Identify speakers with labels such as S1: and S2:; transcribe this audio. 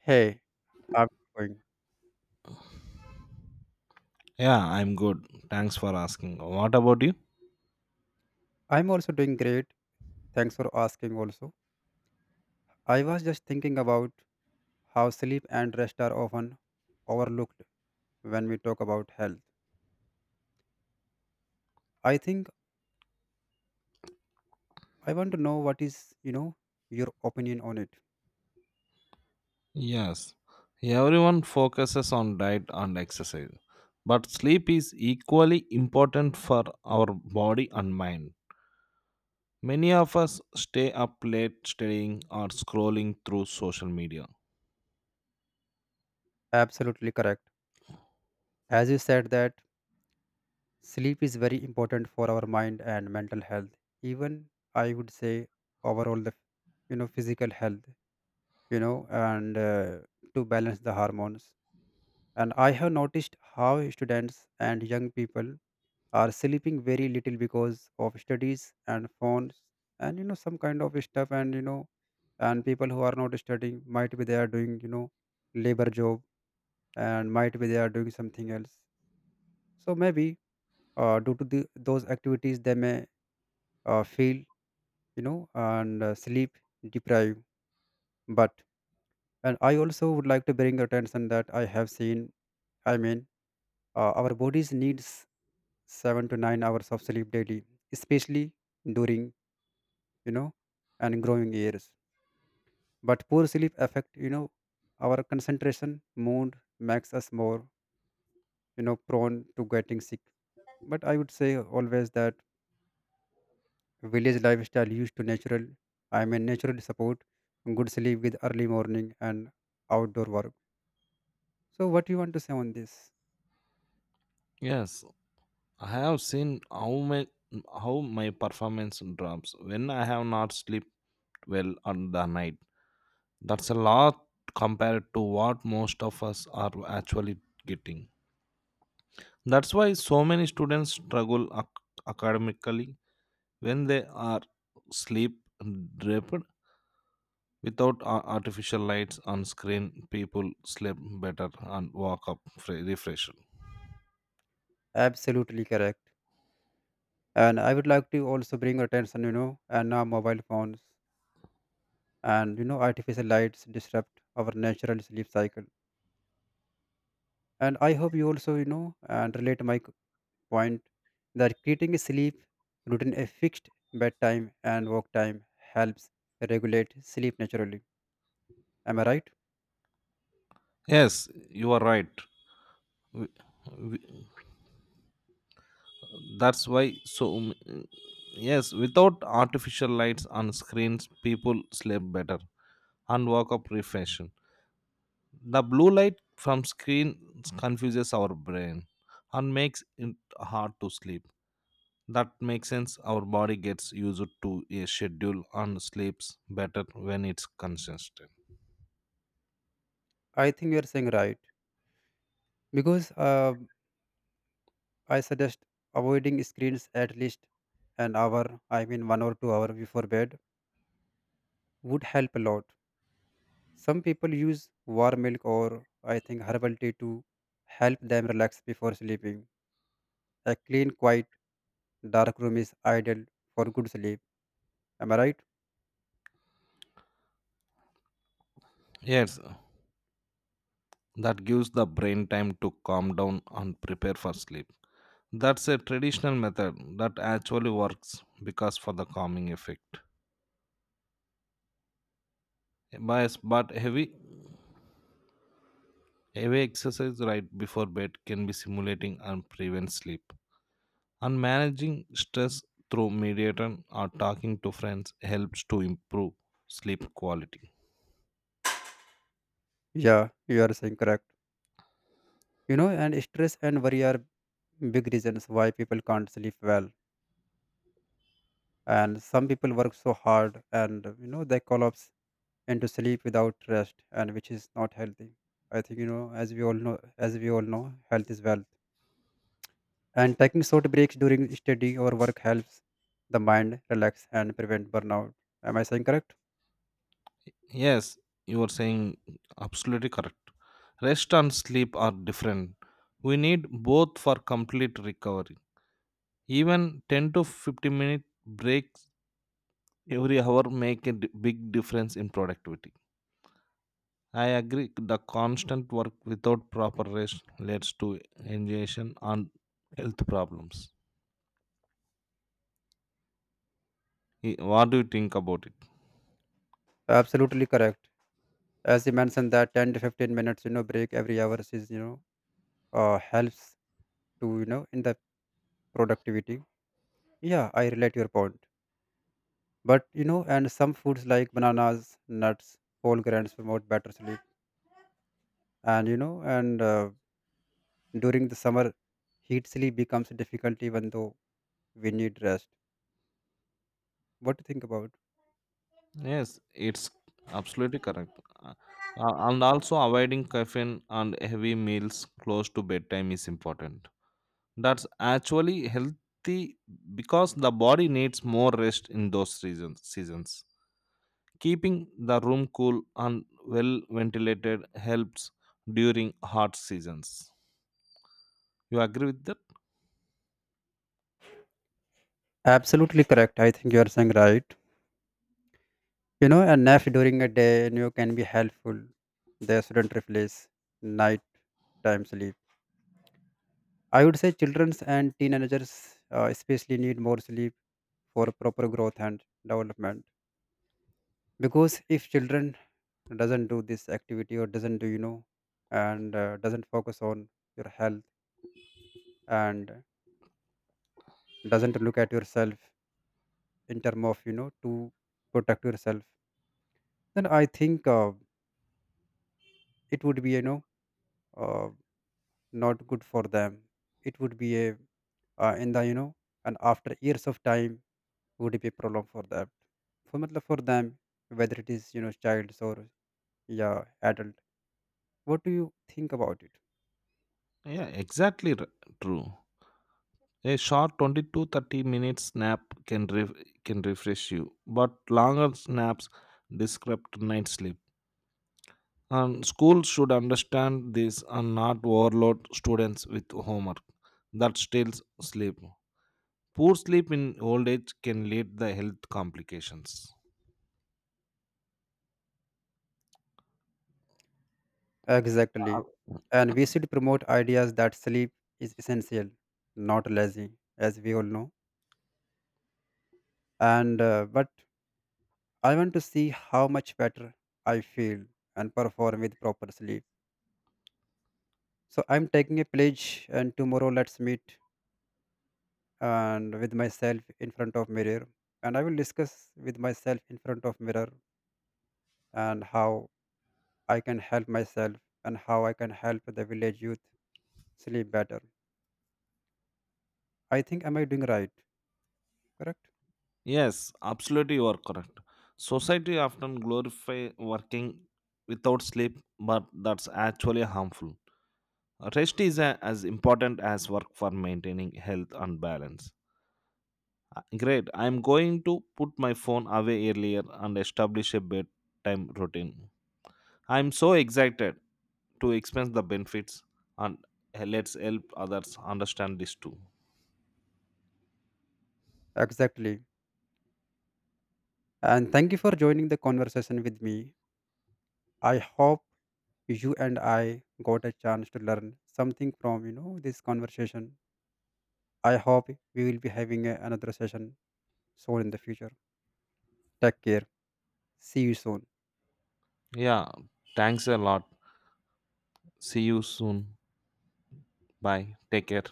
S1: Hey, how are you doing?
S2: Yeah, I'm good. Thanks for asking. What about you?
S1: I'm also doing great. Thanks for asking also. I was just thinking about how sleep and rest are often overlooked when we talk about health. I think I want to know what is your opinion on it.
S2: Yes. Everyone focuses on diet and exercise, but sleep is equally important for our body and mind. Many of us stay up late studying or scrolling through social media.
S1: Absolutely correct. As you said that sleep is very important for our mind and mental health. Even I would say overall the physical health, and to balance the hormones. And I have noticed how students and young people are sleeping very little because of studies and phones and some kind of stuff, and people who are not studying, might be they are doing labor job, and might be they are doing something else. So maybe due to those activities they may feel you know and sleep deprived. But and I also would like to bring attention that I have seen. I mean our bodies needs 7 to 9 hours of sleep daily, especially during you know and growing years, but poor sleep affect our concentration, mood, makes us more prone to getting sick. But I would say always that village lifestyle used to natural, I mean naturally support good sleep with early morning and outdoor work. So what you want to say on this?
S2: Yes, I have seen how how my performance drops when I have not slept well on the night. That's a lot compared to what most of us are actually getting. That's why so many students struggle academically when they are sleep deprived. Without artificial lights on screen, people sleep better and wake up refreshed.
S1: Absolutely correct, and I would like to also bring attention you know and now mobile phones and artificial lights disrupt our natural sleep cycle, and I hope you also you know and relate my point that creating a sleep routine, a fixed bedtime and work time helps regulate sleep naturally. Am I right?
S2: Yes, you are right. W- w- That's why so m- yes, Without artificial lights on screens, people sleep better and wake up refreshed. The blue light from screen confuses our brain and makes it hard to sleep. That makes sense. Our body gets used to a schedule and sleeps better when it's consistent.
S1: I think you are saying right because I suggest avoiding screens at least an hour, I mean 1 or 2 hour before bed, would help a lot. Some people use warm milk or, I think, herbal tea to help them relax before sleeping. A clean, quiet, dark room is ideal for good sleep. Am I right?
S2: Yes, that gives the brain time to calm down and prepare for sleep. That's a traditional method that actually works because for the calming effect. Bias, but heavy exercise right before bed can be stimulating and prevent sleep. And managing stress through meditation or talking to friends helps to improve sleep quality.
S1: Yeah, you are saying correct. And stress and worry are big reasons why people can't sleep well. And some people work so hard and they collapse into sleep without rest, and which is not healthy. I think as we all know, health is wealth. And taking short breaks during study or work helps the mind relax and prevent burnout. Am I saying correct?
S2: Yes, you are saying absolutely correct. Rest and sleep are different. We need both for complete recovery. Even 10 to 15 minute breaks every hour make a big difference in productivity. I agree. The constant work without proper rest leads to exhaustion and health problems. What do you think about it?
S1: Absolutely correct. As you mentioned that 10 to 15 minutes break every hour is helps to in the productivity. Yeah, I relate your point. But you know and some foods like bananas, nuts, whole grains promote better sleep. And during the summer heat, sleep becomes difficult even though we need rest. What do you think about?
S2: Yes, it's absolutely correct. Uh, and also avoiding caffeine and heavy meals close to bedtime is important. That's actually healthy because the body needs more rest in seasons. Keeping the room cool and well ventilated helps during hot seasons. You agree with that?
S1: Absolutely correct. I think you are saying right. A nap during a day can be helpful. They shouldn't replace night time sleep. I would say childrens and teenagers especially need more sleep for proper growth and development. Because if children doesn't do this activity, or doesn't do you know and doesn't focus on your health, and doesn't look at yourself in term of to protect yourself, then I think it would be uh, not good for them. It would be a in the you know and after years of time would be a problem for that, for matlab for them, whether it is childs or, yeah, adult. What do you think about it?
S2: Yeah, exactly true. A short 20 to 30 minutes nap can refresh you, but longer naps disrupt night sleep. And schools should understand this and not overload students with homework that steals sleep. Poor sleep in old age can lead to health complications. Uh,
S1: Exactly. And we should promote ideas that sleep is essential, not lazy, as we all know, and but I want to see how much better I feel and perform with proper sleep. So I'm taking a pledge, and tomorrow let's meet. And with myself in front of mirror, and I will discuss with myself in front of mirror, and how I can help myself and how I can help the village youth sleep better. I think, am I doing right? Correct?
S2: Yes, absolutely you are correct. Society often glorify working without sleep, but that's actually harmful. Rest is as important as work for maintaining health and balance. Great. I'm going to put my phone away earlier and establish a bedtime routine. I'm so excited to experience the benefits and let's help others understand this too.
S1: Exactly. And thank you for joining the conversation with me. I hope you and I got a chance to learn something from this conversation. I hope we will be having another session soon in the future. Take care. See you soon.
S2: Yeah. Thanks a lot. See you soon. Bye. Take care.